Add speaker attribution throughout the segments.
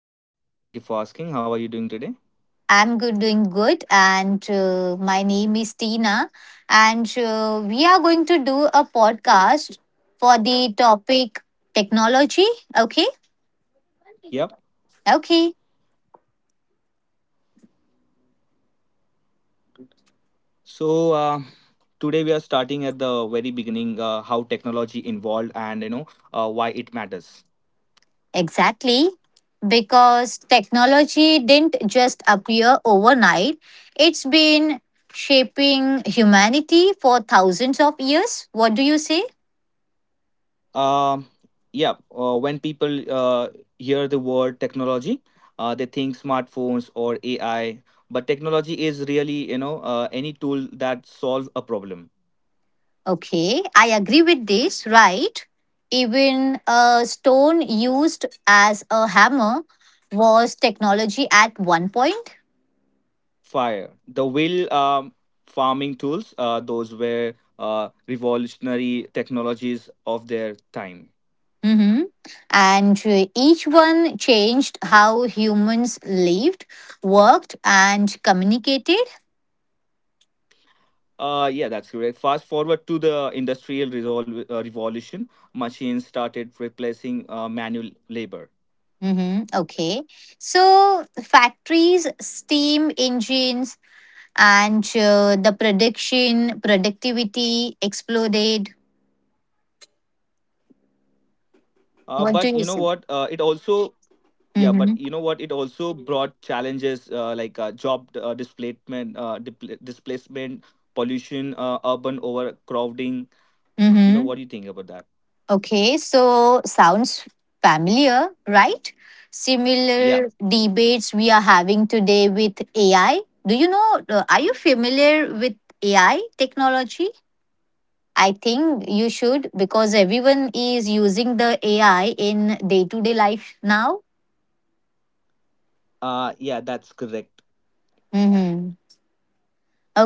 Speaker 1: I'm fine. Thank you for asking. How are you doing today?
Speaker 2: I'm good, doing good, and my name is Tina, and we are going to do a podcast for the topic technology. Okay,
Speaker 1: Yep.
Speaker 2: okay,
Speaker 1: So today we are starting at the very beginning, how technology involved and why it matters.
Speaker 2: exactly. Because technology didn't just appear overnight, it's been shaping humanity for thousands of years. What do you say?
Speaker 1: Um, yeah. When people hear the word technology, they think smartphones or AI. But technology is really any tool that solves a problem.
Speaker 2: Okay, I agree with this, right? Even a stone used as a hammer was technology at one point.
Speaker 1: Fire the will, farming tools, those were revolutionary technologies of their time.
Speaker 2: hmm And each one changed how humans lived, worked, and communicated.
Speaker 1: Yeah, that's correct. Fast forward to the industrial revolution, machines started replacing manual labor.
Speaker 2: Okay. So, factories, steam engines, and the production, productivity exploded. What do
Speaker 1: But
Speaker 2: you
Speaker 1: you know
Speaker 2: say?
Speaker 1: what, it also. Yeah, but
Speaker 2: Mm-hmm.
Speaker 1: you know what, it also brought challenges, like job displacement, displacement, pollution, urban overcrowding. You know,
Speaker 2: Mm-hmm.
Speaker 1: what do you think about that?
Speaker 2: Okay, so sounds familiar, right?
Speaker 1: Yeah.
Speaker 2: Similar debates we are having today with AI. Do you know, are you familiar with AI technology? I think you should because everyone is using the AI in day to day life now.
Speaker 1: Yeah, that's correct.
Speaker 2: Mm-hmm.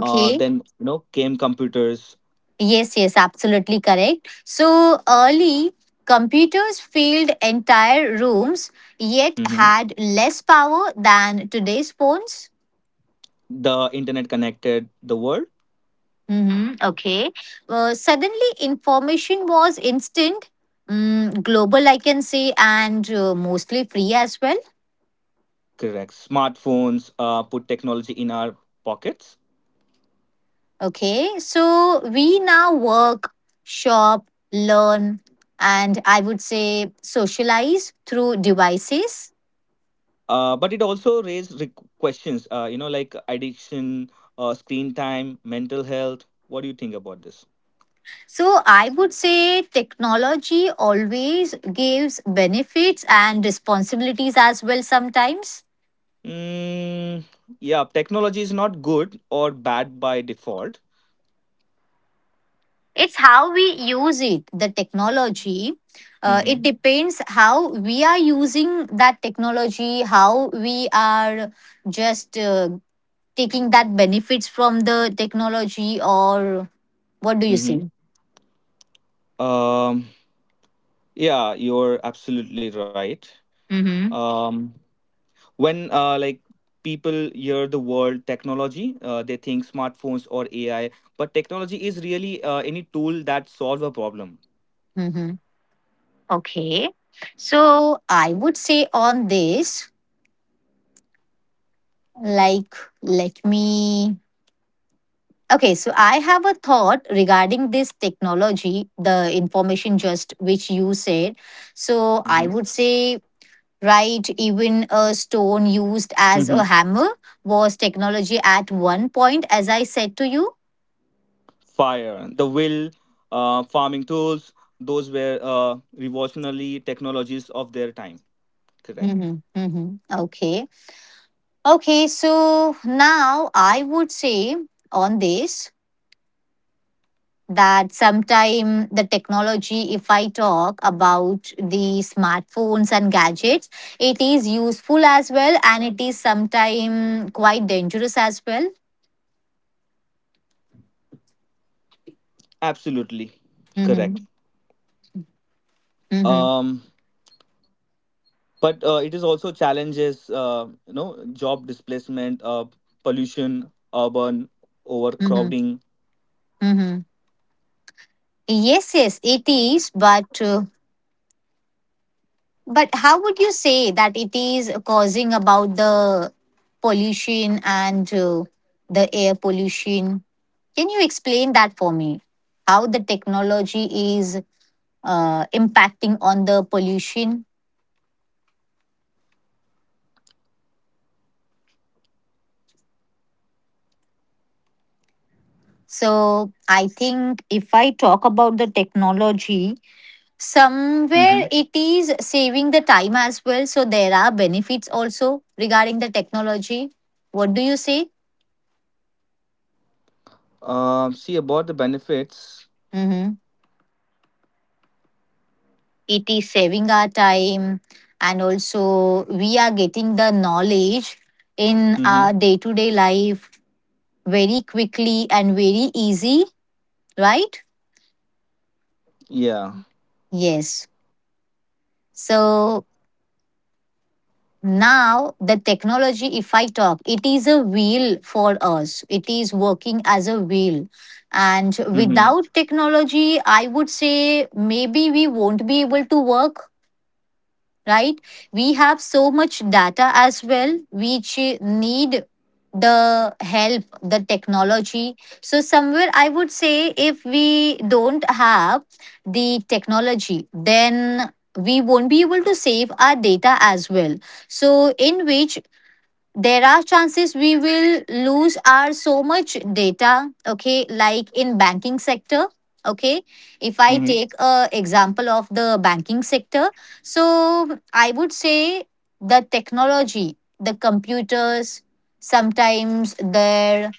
Speaker 1: Then you know came computers.
Speaker 2: yes, yes, absolutely correct. So early, computers filled entire rooms yet
Speaker 1: Mhm.
Speaker 2: had less power than today's phones.
Speaker 1: The internet connected the world.
Speaker 2: Okay. Suddenly, information was instant, global, I can say, and mostly free as well.
Speaker 1: Correct. Smartphones put technology in our pockets.
Speaker 2: Okay. So we now work, shop, learn, and I would say socialize through devices.
Speaker 1: But it also raised questions. You know, like addiction, screen time, mental health. What do you think about this?
Speaker 2: So I would say technology always gives benefits and responsibilities as well sometimes.
Speaker 1: Mm, yeah, technology is not good or bad by default.
Speaker 2: It's how we use it, the technology.
Speaker 1: Mm-hmm.
Speaker 2: It depends how we are using that technology, how we are just taking that benefits from the technology, or what do you say?
Speaker 1: Mm-hmm. Um, yeah, you're absolutely right.
Speaker 2: Mm-hmm.
Speaker 1: Um, when people hear the word technology, they think smartphones or ai, but technology is really any tool that solves a problem.
Speaker 2: hmm Okay. So I would say on this, like, let me. Okay, so I have a thought regarding this technology, the information just which you said. So
Speaker 1: hmm
Speaker 2: I would say right, even a stone used as
Speaker 1: hmm
Speaker 2: a hammer was technology at one point, as I said to you.
Speaker 1: Fire the will, farming tools, those were revolutionary technologies of their time. Correct.
Speaker 2: Okay. Okay, so now I would say on this that sometime the technology, if I talk about the smartphones and gadgets, it is useful as well and it is sometime quite dangerous as well.
Speaker 1: Absolutely correct.
Speaker 2: hmm hmm
Speaker 1: um, but it is also challenges, you know, job displacement, pollution, urban
Speaker 2: hmm
Speaker 1: overcrowding.
Speaker 2: hmm Yes, yes, it is. But how would you say that it is causing about the pollution and the air pollution? Can you explain that for me? How the technology is impacting on the pollution? So I think if I talk about the technology, somewhere it
Speaker 1: Mm-hmm.
Speaker 2: is saving the time as well. So there are benefits also regarding the technology. What do you say?
Speaker 1: See about the benefits.
Speaker 2: Mm-hmm. It is saving our time and also we are getting the knowledge in our day
Speaker 1: Mm-hmm.
Speaker 2: to day life very quickly and very easy, right?
Speaker 1: Yeah.
Speaker 2: Yes. So now the technology, if I talk, it is a wheel for us, it is working as a wheel. And without
Speaker 1: Mm-hmm.
Speaker 2: technology, I would say maybe we won't be able to work, right? We have so much data as well, which need the help, the technology. So, somewhere I would say if we don't have the technology, then we won't be able to save our data as well. So, in which there are chances we will lose our so much data. Okay, like in banking sector. Okay, if I take a
Speaker 1: Mm-hmm.
Speaker 2: example of the banking sector, so I would say the technology, the computers, sometimes their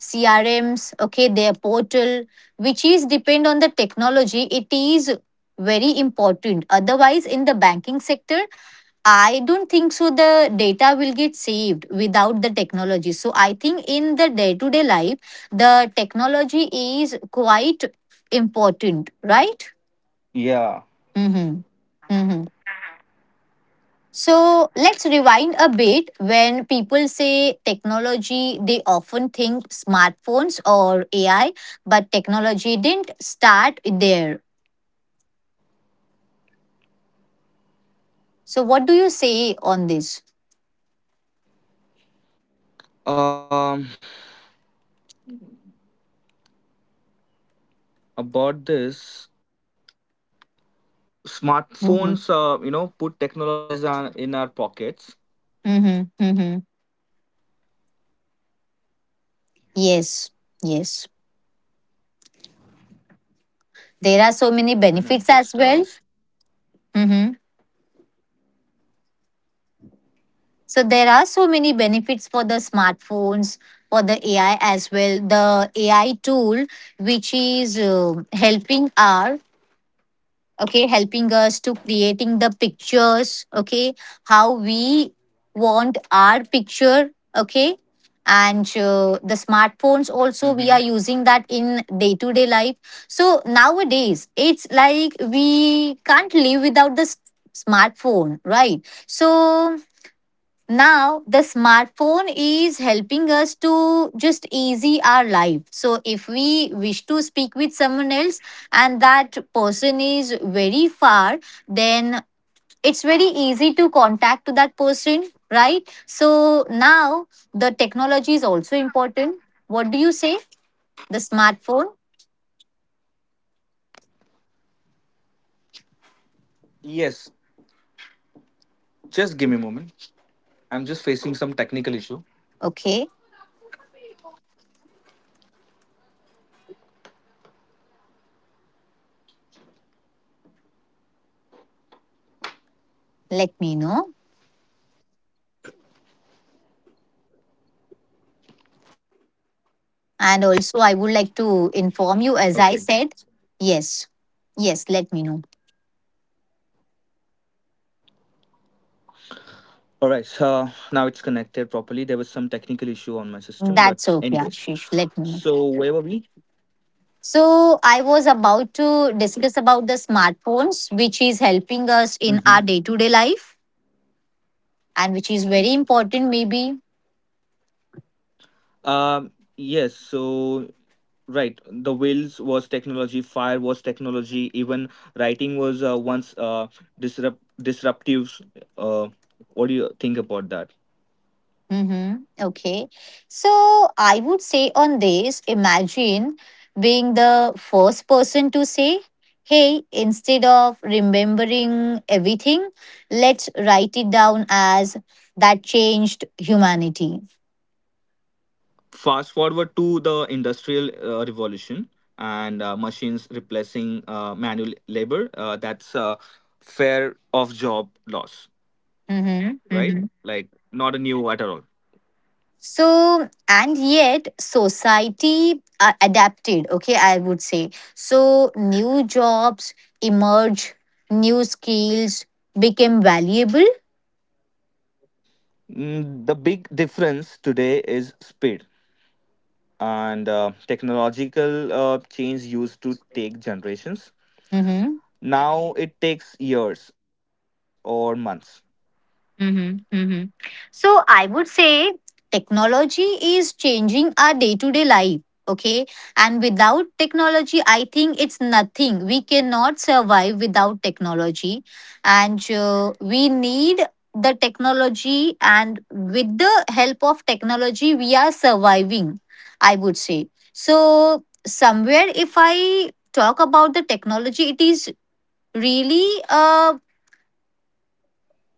Speaker 2: CRMs, okay, their portal, which is depend on the technology, it is very important, otherwise in the banking sector I don't think so. The data will get saved without the technology. So I think in the day to day life, the technology is quite important, right?
Speaker 1: Yeah.
Speaker 2: Mm-hmm. Mm-hmm. So let's rewind a bit. When people say technology, they often think smartphones or AI, but technology didn't start there. So what do you say on this?
Speaker 1: Um, about this,
Speaker 2: Mm-hmm.
Speaker 1: smartphones. You know, put technologies on in our pockets.
Speaker 2: Mm-hmm. Mm-hmm. Yes. Yes. There are
Speaker 1: Just
Speaker 2: so
Speaker 1: give me a
Speaker 2: many
Speaker 1: moment. I'm
Speaker 2: benefits
Speaker 1: just.
Speaker 2: as
Speaker 1: Uh,
Speaker 2: well. Mm-hmm. So there are so many benefits for the smartphones, for the AI as well. The AI tool, which is helping our, okay, helping us to creating the pictures, okay, how we want our picture, okay, and the smartphones
Speaker 1: Mm-hmm.
Speaker 2: also we are using that in day to day life. So nowadays it's like we can't live without the smartphone, right? So now the smartphone is helping us to just easy our life, so if we wish to speak with someone else and that person is very far, then it's very easy to contact to that person, right? So now the technology is also important, what do you say, the smartphone.
Speaker 1: Yes. Just give me a moment. I'm just facing some technical issue.
Speaker 2: Okay, let me know, and also I would like to
Speaker 1: Okay.
Speaker 2: inform you, as I said, yes, yes, let me know.
Speaker 1: All right. So now it's connected properly. There was some technical issue on my system, but
Speaker 2: That's
Speaker 1: anyways.
Speaker 2: okay, Ashish. Let
Speaker 1: So
Speaker 2: me.
Speaker 1: where were we?
Speaker 2: So I was about to discuss about the smartphones, which is helping us in
Speaker 1: Mm-hmm.
Speaker 2: our day-to-day life, and which is very important, maybe.
Speaker 1: Um. Yes. So right, the wheels was technology, fire was technology, even writing was once disruptive. uh, what do you think about that?
Speaker 2: Mm-hmm. Okay. So I would say on this, imagine being the first person to say, "Hey, instead of remembering everything, let's write it down as that changed humanity."
Speaker 1: Fast forward to the industrial revolution, and machines replacing manual labor. That's a fair of job loss,
Speaker 2: Mm-hmm.
Speaker 1: right?
Speaker 2: Mm-hmm.
Speaker 1: Like, not a new at all.
Speaker 2: So, and yet society adapted, okay, I would say. So, new jobs emerge, new skills became valuable.
Speaker 1: Mm, the big difference today is speed, and technological change used to take generations.
Speaker 2: Mm-hmm.
Speaker 1: Now it takes years or months.
Speaker 2: Mm-hmm, mm-hmm. So I would say technology is changing our day to day life. Okay. And without technology, I think it's nothing. We cannot survive without technology. And we need the technology. And with the help of technology, we are surviving, I would say. So, somewhere, if I talk about the technology, it is really a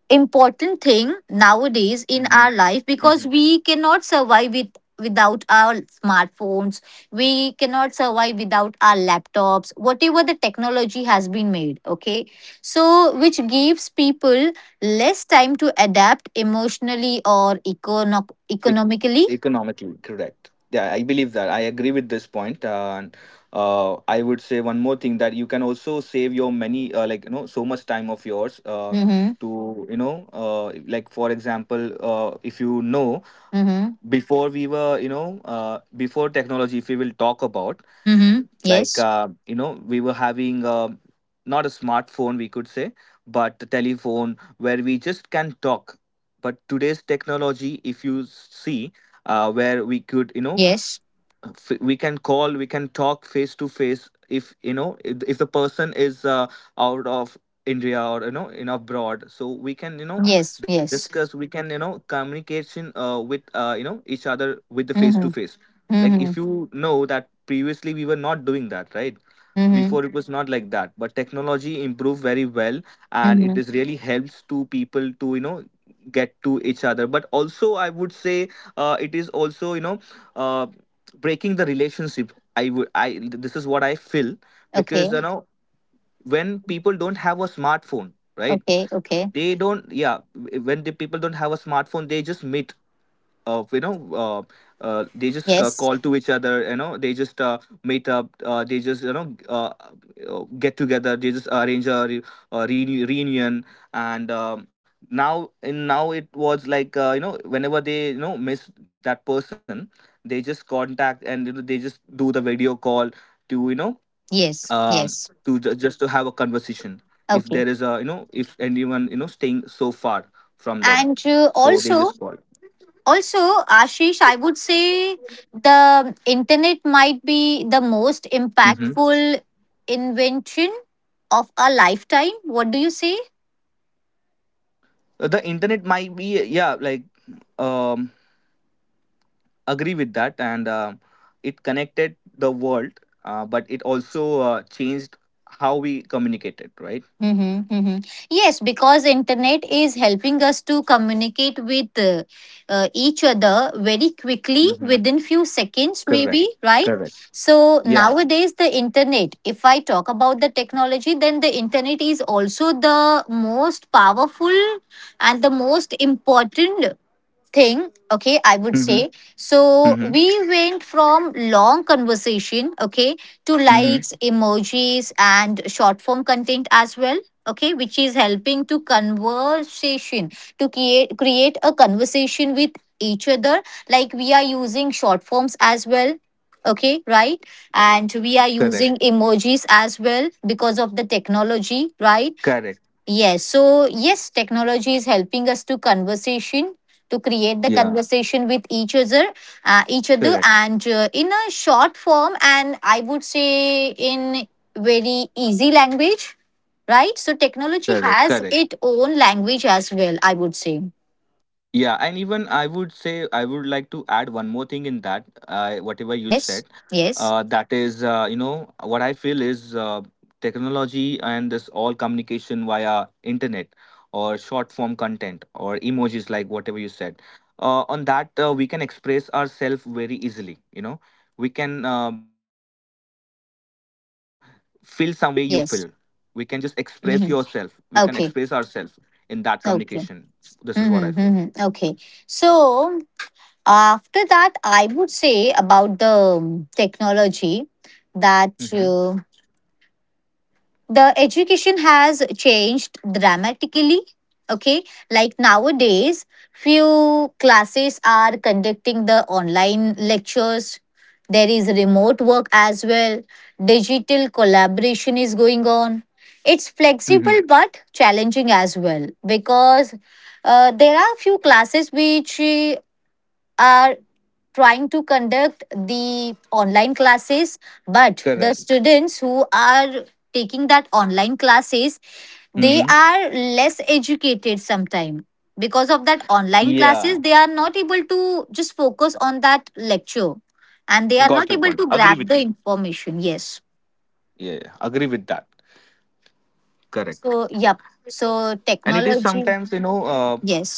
Speaker 2: important thing nowadays in
Speaker 1: Hmm.
Speaker 2: our life
Speaker 1: Hmm.
Speaker 2: because we cannot survive with without our smartphones, we cannot survive without our laptops, whatever the technology has been made. Okay, so which gives people less time to adapt emotionally or
Speaker 1: E-
Speaker 2: economically.
Speaker 1: economically, correct. Yeah, I believe that. I agree with this point, and I would say one more thing, that you can also save your many, like you know, so much time of yours,
Speaker 2: Mhm,
Speaker 1: to you know, like for example, if you know,
Speaker 2: mhm,
Speaker 1: before we were you know, before technology, if we will talk about,
Speaker 2: mhm,
Speaker 1: like,
Speaker 2: yes,
Speaker 1: you know, we were having, not a smartphone, we could say, but a telephone where we just can talk. But today's technology, if you see, where we could you know,
Speaker 2: yes,
Speaker 1: we can call, we can talk face to face, if you know, if the person is, out of india, or you know, in abroad, so we can you know
Speaker 2: yes,
Speaker 1: discuss,
Speaker 2: yes,
Speaker 1: we can you know communication, with, you know, each other, with the face to
Speaker 2: mhm,
Speaker 1: face. Like, if
Speaker 2: mhm,
Speaker 1: you know that previously we were not doing that, right?
Speaker 2: mhm,
Speaker 1: Before it was not like that, but technology improved very well, and it
Speaker 2: mhm,
Speaker 1: is really helps to people to you know get to each other. But also, I would say, it is also you know, uh, breaking the relationship, I would, I, this is what I feel.
Speaker 2: okay,
Speaker 1: Because you know, when people don't have a smartphone, right,
Speaker 2: okay, okay,
Speaker 1: they don't, yeah. When the people don't have a smartphone, they just meet of you know, they just
Speaker 2: yes.
Speaker 1: call to each other, you know, they just meet up, they just you know, get together, they just arrange a, reunion. And now, in now it was like, you know, whenever they you know miss that person, they just contact and you know, they just do the video call to you know,
Speaker 2: Yes,
Speaker 1: um,
Speaker 2: yes.
Speaker 1: to just to have a conversation, if
Speaker 2: Okay.
Speaker 1: there is a you know, if anyone you know staying so far from them,
Speaker 2: And
Speaker 1: so they just
Speaker 2: also,
Speaker 1: call.
Speaker 2: also, Ashish, I would say the internet might be the most
Speaker 1: Mm-hmm.
Speaker 2: impactful invention of a lifetime. What do you say?
Speaker 1: The internet might be, yeah, like, um agree with that. And it connected the world, but it also changed how we communicated, right?
Speaker 2: Mm-hmm, mm-hmm. Yes, because internet is helping us to communicate with each other very quickly
Speaker 1: Mm-hmm.
Speaker 2: within few seconds
Speaker 1: Correct.
Speaker 2: maybe, right?
Speaker 1: Correct.
Speaker 2: So
Speaker 1: Yeah.
Speaker 2: nowadays the internet, if I talk about the technology, then the internet is also the most powerful and the most important thing, okay, I would
Speaker 1: Mm-hmm.
Speaker 2: say. So
Speaker 1: Mm-hmm.
Speaker 2: we went from long conversation, okay, to
Speaker 1: Mm-hmm.
Speaker 2: likes, emojis and short form content as well, okay, which is helping to conversation to create a conversation with each other, like we are using short forms as well, okay, right, and we are
Speaker 1: Correct.
Speaker 2: using emojis as well because of the technology, right.
Speaker 1: Correct.
Speaker 2: Yes. So yes, technology is helping us to conversation to create the
Speaker 1: Yeah.
Speaker 2: conversation with each other,
Speaker 1: Correct.
Speaker 2: and in a short form, and I would say in very easy language, right? So technology
Speaker 1: Correct.
Speaker 2: has
Speaker 1: Correct.
Speaker 2: its own language as well. I would say
Speaker 1: Yeah, and even I would say, I would like to add one more thing in that, whatever you
Speaker 2: yes,
Speaker 1: said.
Speaker 2: yes,
Speaker 1: That is, you know, what I feel is, technology and this all communication via internet or short form content or emojis, like whatever you said. On that, we can express ourselves very easily. You know, we can feel someone, the way you feel. We can just
Speaker 2: yes.
Speaker 1: express yourself. We can
Speaker 2: Mhm.
Speaker 1: express ourselves in
Speaker 2: Okay.
Speaker 1: that communication. This is
Speaker 2: Okay.
Speaker 1: what I feel.
Speaker 2: Mm-hmm, mm-hmm. Okay. So after that, I would say about the technology that
Speaker 1: Mm-hmm.
Speaker 2: the education has changed dramatically. Okay, like nowadays, few classes are conducting the online lectures. There is remote work as well. Digital collaboration is going on. It's flexible but challenging as well because there are few classes which are trying to conduct the online classes but
Speaker 1: Correct.
Speaker 2: the students who are taking that online classes they
Speaker 1: Mm-hmm.
Speaker 2: are less educated sometime, because of that online classes
Speaker 1: Yeah.
Speaker 2: they are not able to just focus on that lecture and they are
Speaker 1: Got
Speaker 2: not
Speaker 1: your
Speaker 2: able
Speaker 1: point.
Speaker 2: to
Speaker 1: Agree
Speaker 2: grab
Speaker 1: with
Speaker 2: the
Speaker 1: you.
Speaker 2: information, yes.
Speaker 1: Yeah. Yeah, agree with that. Correct.
Speaker 2: So yep. So
Speaker 1: And it is
Speaker 2: technology,
Speaker 1: sometimes, you know,
Speaker 2: yes,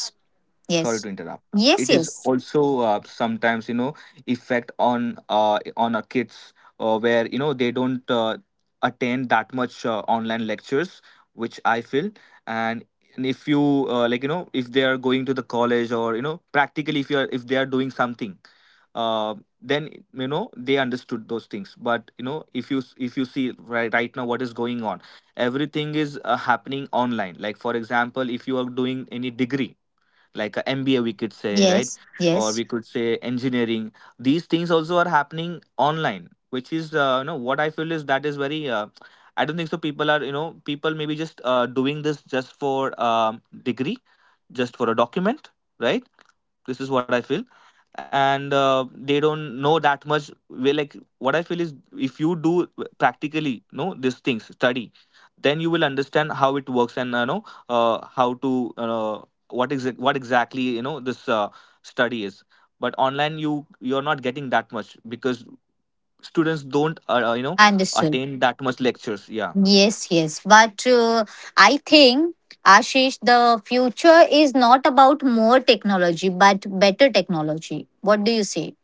Speaker 1: sorry
Speaker 2: yes,
Speaker 1: to interrupt, it
Speaker 2: yes,
Speaker 1: is
Speaker 2: yes,
Speaker 1: also sometimes you know effect on, on our kids, where you know they don't attend that much online lectures, which I feel. and and if you like you know, if they are going to the college, or you know practically, if you are, if they are doing something, uh, then you know they understood those things. But you know, if you, if you see, right, right now what is going on, everything is happening online. Like for example, if you are doing any degree, like a MBA, we could say, right?
Speaker 2: yes,
Speaker 1: Or
Speaker 2: yes,
Speaker 1: we could say engineering. These things also are happening online, which is, you know, what I feel is, that is very, I don't think so. People are, you know, people maybe just doing this just for degree, just for a document, right? This is what I feel. And they don't know that much. We, like, what I feel is, if you do practically know these things study, then you will understand how it works, and you know how to uh, what exactly you know this study is. But online, you, you're not getting that much, because students don't you know
Speaker 2: understood.
Speaker 1: attain that much lectures, yeah.
Speaker 2: Yes, yes. But I think, Ashish, the future is not about more technology, but better technology. What do you say?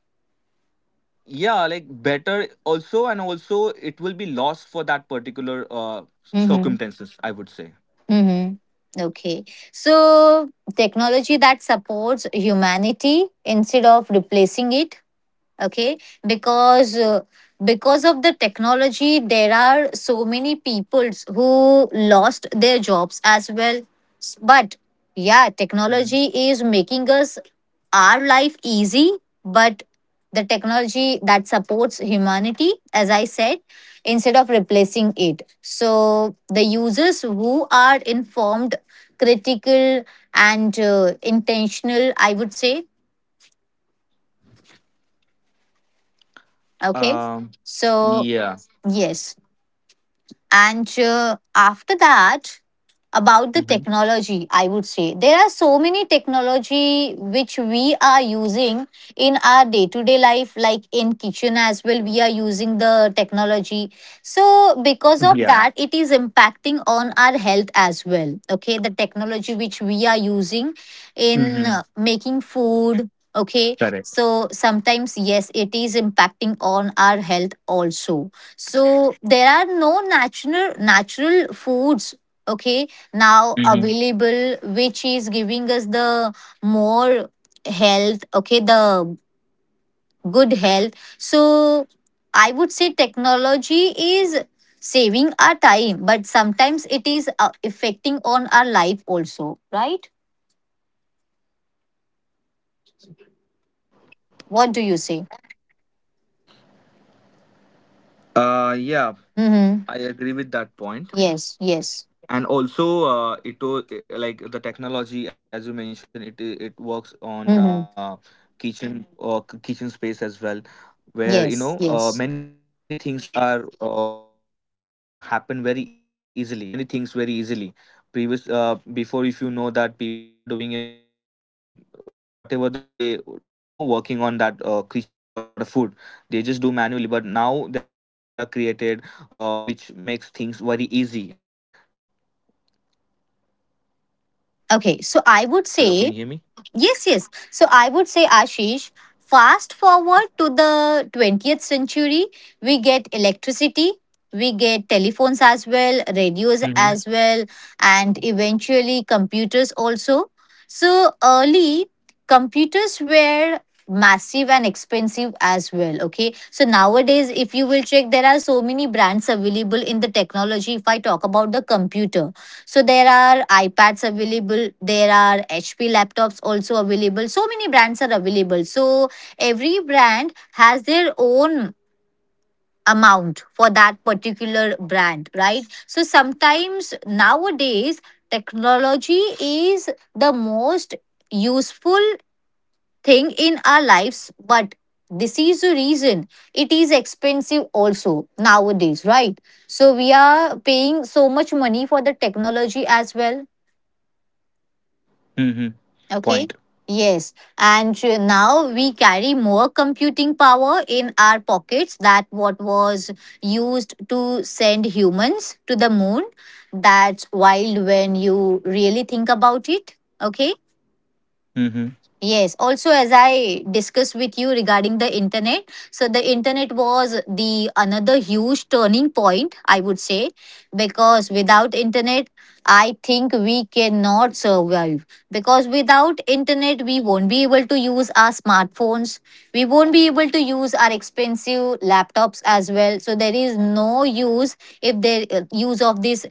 Speaker 1: Yeah, like, better, also. And also, it will be lost for that particular uh,
Speaker 2: Mm-hmm.
Speaker 1: circumstances, I would say.
Speaker 2: Mm-hmm. Okay. So, technology that supports humanity instead of replacing it. Okay, because uh, because of the technology there are so many peoples who lost their jobs as well. But yeah, technology is making us our life easy, but the technology that supports humanity, as I said, instead of replacing it, so the users who are informed, critical, and intentional, I would say, okay,
Speaker 1: Um.
Speaker 2: so
Speaker 1: Yeah.
Speaker 2: yes. And after that, about the
Speaker 1: Hmm.
Speaker 2: technology, I would say there are so many technology which we are using in our day to day life, like in kitchen as well. We are using the technology, so because of that,
Speaker 1: Yeah.
Speaker 2: it is impacting on our health as well. Okay, the technology which we are using in
Speaker 1: Hmm.
Speaker 2: making food. Okay,
Speaker 1: Correct.
Speaker 2: so sometimes yes, it is impacting on our health also, so there are no natural foods, okay, now
Speaker 1: Hmm.
Speaker 2: available, which is giving us the more health, okay, the good health. So I would say technology is saving our time but sometimes it is affecting on our life also, right, what do you say.
Speaker 3: Uh, yeah,
Speaker 2: Mhm,
Speaker 3: I agree with that point.
Speaker 2: yes, yes,
Speaker 3: And also, like the technology, as you mentioned, it works
Speaker 2: mhm,
Speaker 3: on kitchen or k kitchen space as well, where
Speaker 2: yes, yes,
Speaker 3: many things are happen very easily. We can do many things very easily. Previous before, if you know that people are doing uh, whatever the day no working on that kitchen for the food, they just do manually. But now there are machines are created which makes things very easy, right?
Speaker 2: okay, so I would say
Speaker 3: Hello, can you hear me?
Speaker 2: yes, yes. So I would say, Ashish, fast forward to the 20th century, we get electricity, we get telephones as well, radios as well,
Speaker 3: Mm-hmm.
Speaker 2: and eventually computers also. So early, computers were massive and expensive as well. Okay, so nowadays, if you will check, there are so many brands available in the technology. If I talk about the computer, so there are iPads available, there are HP laptops also available. So many brands are available. So every brand has their own amount for that particular brand, right? So sometimes nowadays technology is the most useful thing in our lives, but this is the reason it is expensive also nowadays, right? So we are paying so much money for the technology as well.
Speaker 3: Mm-hmm. Point.
Speaker 2: Okay. Yes. And now we carry more computing power in our pockets that what was used to send humans to the moon. That's wild when you really think about it. Okay.
Speaker 3: Mm-hmm.
Speaker 2: Yes. Also, as I discussed with you regarding the internet, so the internet was the another huge turning point, I would say, because without internet, I think we cannot survive. Because without internet, we won't be able to use our smartphones. We won't be able to use our expensive laptops as well. So there is no use if there use of this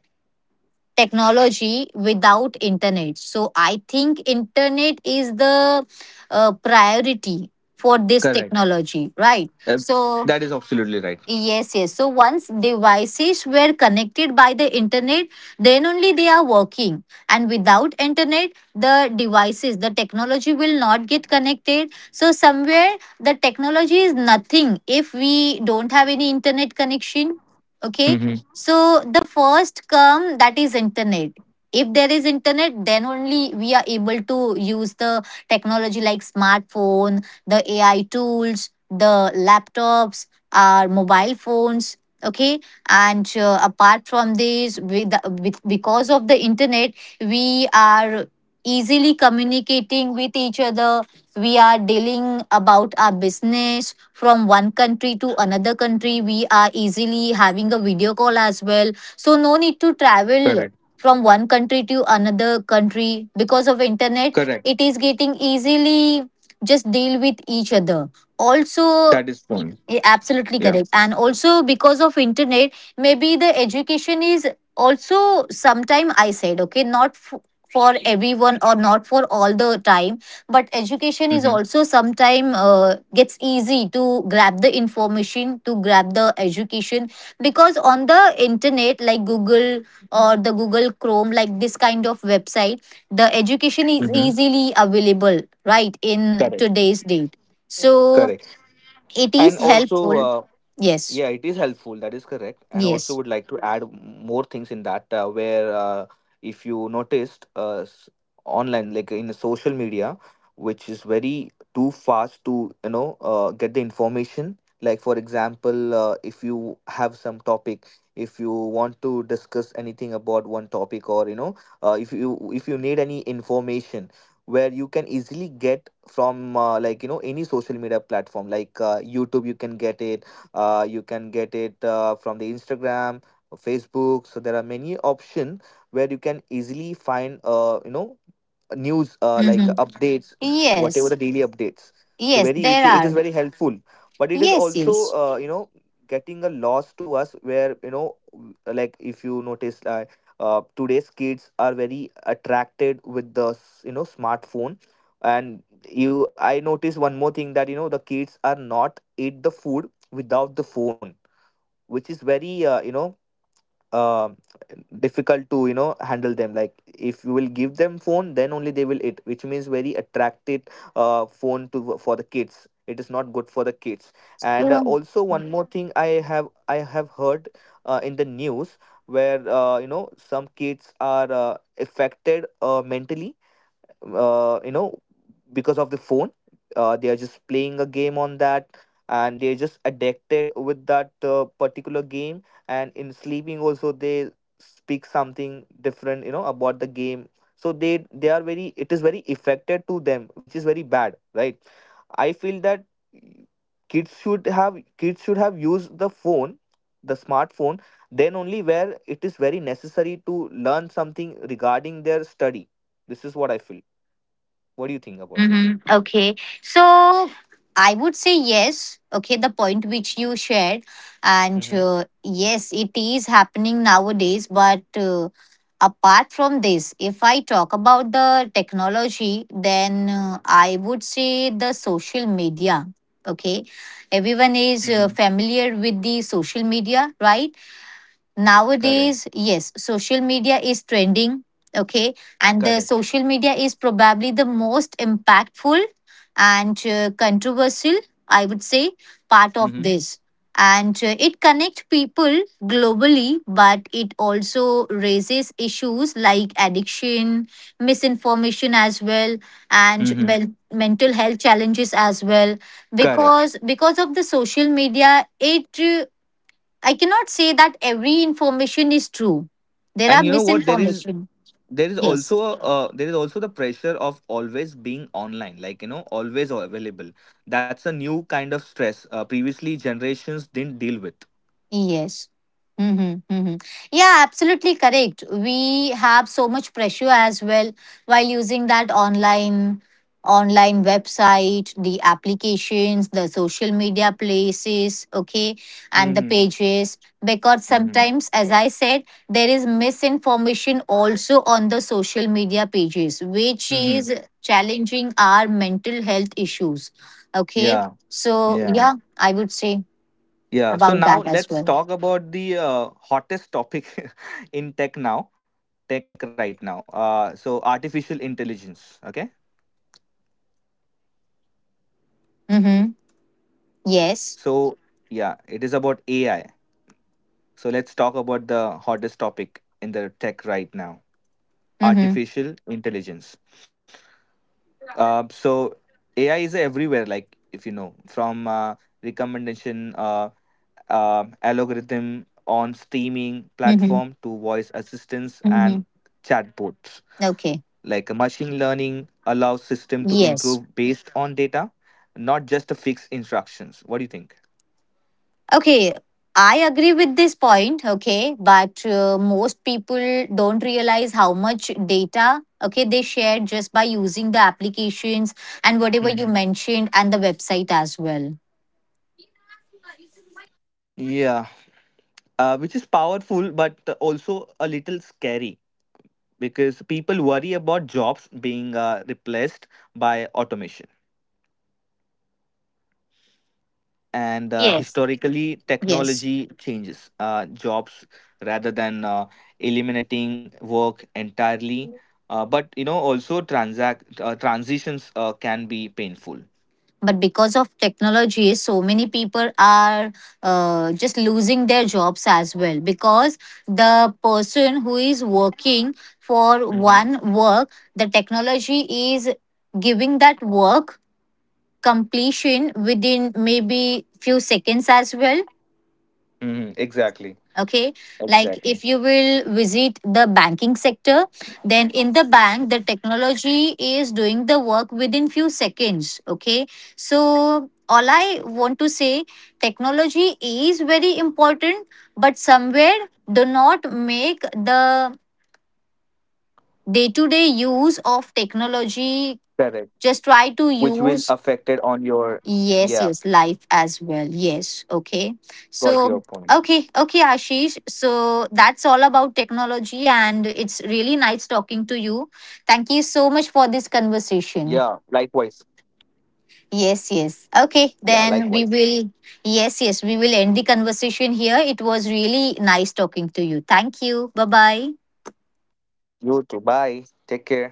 Speaker 2: technology without internet. So I think internet is the priority for this
Speaker 3: Correct.
Speaker 2: technology, right?
Speaker 3: Uh,
Speaker 2: So
Speaker 3: that is absolutely right.
Speaker 2: yes, yes. So once devices were connected by the internet, then only they are working. And without internet, the devices, the technology will not get connected. So somewhere the technology is nothing if we don't have any internet connection. Okay.
Speaker 3: Mm-hmm.
Speaker 2: So the first come that is internet. If there is internet, then only we are able to use the technology like smartphone, the AI tools, the laptops, our mobile phones. Okay. And apart from this with, with because of the internet, we are easily communicating with each other. We are dealing about our business from one country to another country. We are easily having a video call as well, so no need to
Speaker 3: Correct.
Speaker 2: travel from one country to another country. Because of internet,
Speaker 3: Correct.
Speaker 2: it is getting easily just deal with each other
Speaker 3: That
Speaker 2: also.
Speaker 3: is point.
Speaker 2: Yeah, absolutely
Speaker 3: Yeah.
Speaker 2: correct. And also because of internet, maybe the education is also sometime, I said okay, not for everyone or not for all the time, but education is
Speaker 3: Mm-hmm.
Speaker 2: also sometime gets easy to grab the information, to grab the education, because on the internet like Google or the Google Chrome, like this kind of website, the education is
Speaker 3: Mm-hmm.
Speaker 2: easily available, right, in
Speaker 3: Correct.
Speaker 2: today's date. So
Speaker 3: Correct.
Speaker 2: it is
Speaker 3: And also,
Speaker 2: helpful. Yes,
Speaker 3: Yeah, it is helpful. That is correct. And also
Speaker 2: yes.
Speaker 3: would like to add more things in that where if you noticed online, like in social media, which is very too fast to, get the information. Like for example, if you have some topic, if you want to discuss anything about one topic or, if you need any information where you can easily get from like any social media platform like youtube you can get it, you can get it from the instagram, facebook, so there are many options where you can easily find news, like
Speaker 2: Hmm.
Speaker 3: updates, whatever the
Speaker 2: Yes,
Speaker 3: daily updates. So
Speaker 2: yes,
Speaker 3: very,
Speaker 2: there
Speaker 3: it
Speaker 2: are.
Speaker 3: is very helpful, but it is
Speaker 2: Yes,
Speaker 3: also
Speaker 2: yes.
Speaker 3: getting a loss to us where like if you notice today's kids are very attracted with the smartphone. And you I noticed one more thing, that the kids are not eat the food without the phone, which is very uh, difficult to handle them. Like if you will give them phone then only they will eat, which means very attractive phone to for the kids. It is not good for the kids. And also one more thing, I have heard in the news where some kids are affected mentally, uh, you know because of the phone. They are just playing a game on that, and they're just addicted with that particular game. And in sleeping also they speak something different, about the game. So they are very, it is very affected to them, which is very bad, right? I feel that kids should have used the phone, the smartphone, then only where it is very necessary to learn something regarding their study. This is what I feel. What do you think about this?
Speaker 2: Mm-hmm. Okay. So I would say yes. Okay, the point which you shared. And
Speaker 3: Hmm.
Speaker 2: yes, it is happening nowadays. But apart from this, if I talk about the technology, then I would say the social media. Okay,
Speaker 3: Mm-hmm.
Speaker 2: everyone is familiar with the social media, right?
Speaker 3: Correct.
Speaker 2: Nowadays, yes, social media is trending. Okay. And
Speaker 3: Correct.
Speaker 2: the social media is probably the most impactful and controversial, I would say, part of
Speaker 3: Mm-hmm.
Speaker 2: this. And it connects people globally, but it also raises issues like addiction, misinformation as well, and
Speaker 3: Mm-hmm.
Speaker 2: mental health challenges as well,
Speaker 3: Correct.
Speaker 2: because of the social media it I cannot say that every information is true. There are
Speaker 3: And you know what,
Speaker 2: misinformation.
Speaker 3: there is
Speaker 2: Yes.
Speaker 3: also there is also the pressure of always being online, like always available. That's a new kind of stress previously generations didn't deal with.
Speaker 2: Yes. Mm-hmm, mm-hmm. Yeah, absolutely correct. We have so much pressure as well while using that online, website, the applications, the social media places, okay, and the
Speaker 3: Mm-hmm.
Speaker 2: pages. Because
Speaker 3: Mm-hmm.
Speaker 2: sometimes, as I said, there is misinformation also on the social media pages, which
Speaker 3: Mm-hmm.
Speaker 2: is challenging our mental health issues. Okay.
Speaker 3: Yeah.
Speaker 2: So
Speaker 3: Yeah.
Speaker 2: yeah, I would say
Speaker 3: Yeah. So
Speaker 2: about
Speaker 3: now
Speaker 2: that as well.
Speaker 3: let's talk about the hottest topic in tech now, tech right now. So artificial intelligence. Okay.
Speaker 4: Mm-hmm. Yes.
Speaker 3: So, yeah, it is about AI. So, let's talk about the hottest topic in the tech right now,
Speaker 4: Mm-hmm.
Speaker 3: artificial intelligence. Uh, so, AI is everywhere, like if you know, from recommendation algorithm on streaming
Speaker 4: Mm-hmm.
Speaker 3: platform to voice assistants
Speaker 4: Mm-hmm.
Speaker 3: and chatbots.
Speaker 4: Okay.
Speaker 3: Like machine learning allows system to
Speaker 4: Yes.
Speaker 3: improve based on data, not just a fixed instructions. What do you think?
Speaker 4: Okay. I agree with this point. Okay. But most people don't realize how much data, okay, they share just by using the applications and whatever you
Speaker 3: Hmm.
Speaker 4: mentioned and the website as well.
Speaker 3: Yeah, which is powerful but also a little scary because people worry about jobs being replaced by automation. And
Speaker 4: Yes.
Speaker 3: historically,
Speaker 4: Yes.
Speaker 3: technology changes jobs rather than eliminating work entirely. But you know, also transact transitions can be painful.
Speaker 4: But because of technology, so many people are just losing their jobs as well, because the person who is working for
Speaker 3: Hmm.
Speaker 4: one work, the technology is giving that work completion within maybe few seconds as well.
Speaker 3: Hmm. Exactly.
Speaker 4: Okay, like if you will
Speaker 3: Exactly.
Speaker 4: visit the banking sector, then in the bank, the technology is doing the work within few seconds. Okay, so all I want to say, technology is very important, but somewhere, do not make the day to day use of technology,
Speaker 3: Correct.
Speaker 4: just try to
Speaker 3: Which will
Speaker 4: use.
Speaker 3: affect it on your.
Speaker 4: Yes,
Speaker 3: Yeah,
Speaker 4: yes, life as well. Yes, okay.
Speaker 3: got
Speaker 4: So,
Speaker 3: your point.
Speaker 4: okay, Ashish. So, that's all about technology, and it's really nice talking to you. Thank you so much for this conversation.
Speaker 3: Yeah, likewise.
Speaker 4: Yes, yes. Okay,
Speaker 3: Yeah,
Speaker 4: then we
Speaker 3: likewise.
Speaker 4: will, yes, yes, we will end the conversation here. It was really nice talking to you. Thank you. Bye bye.
Speaker 3: You too. Bye. Take care.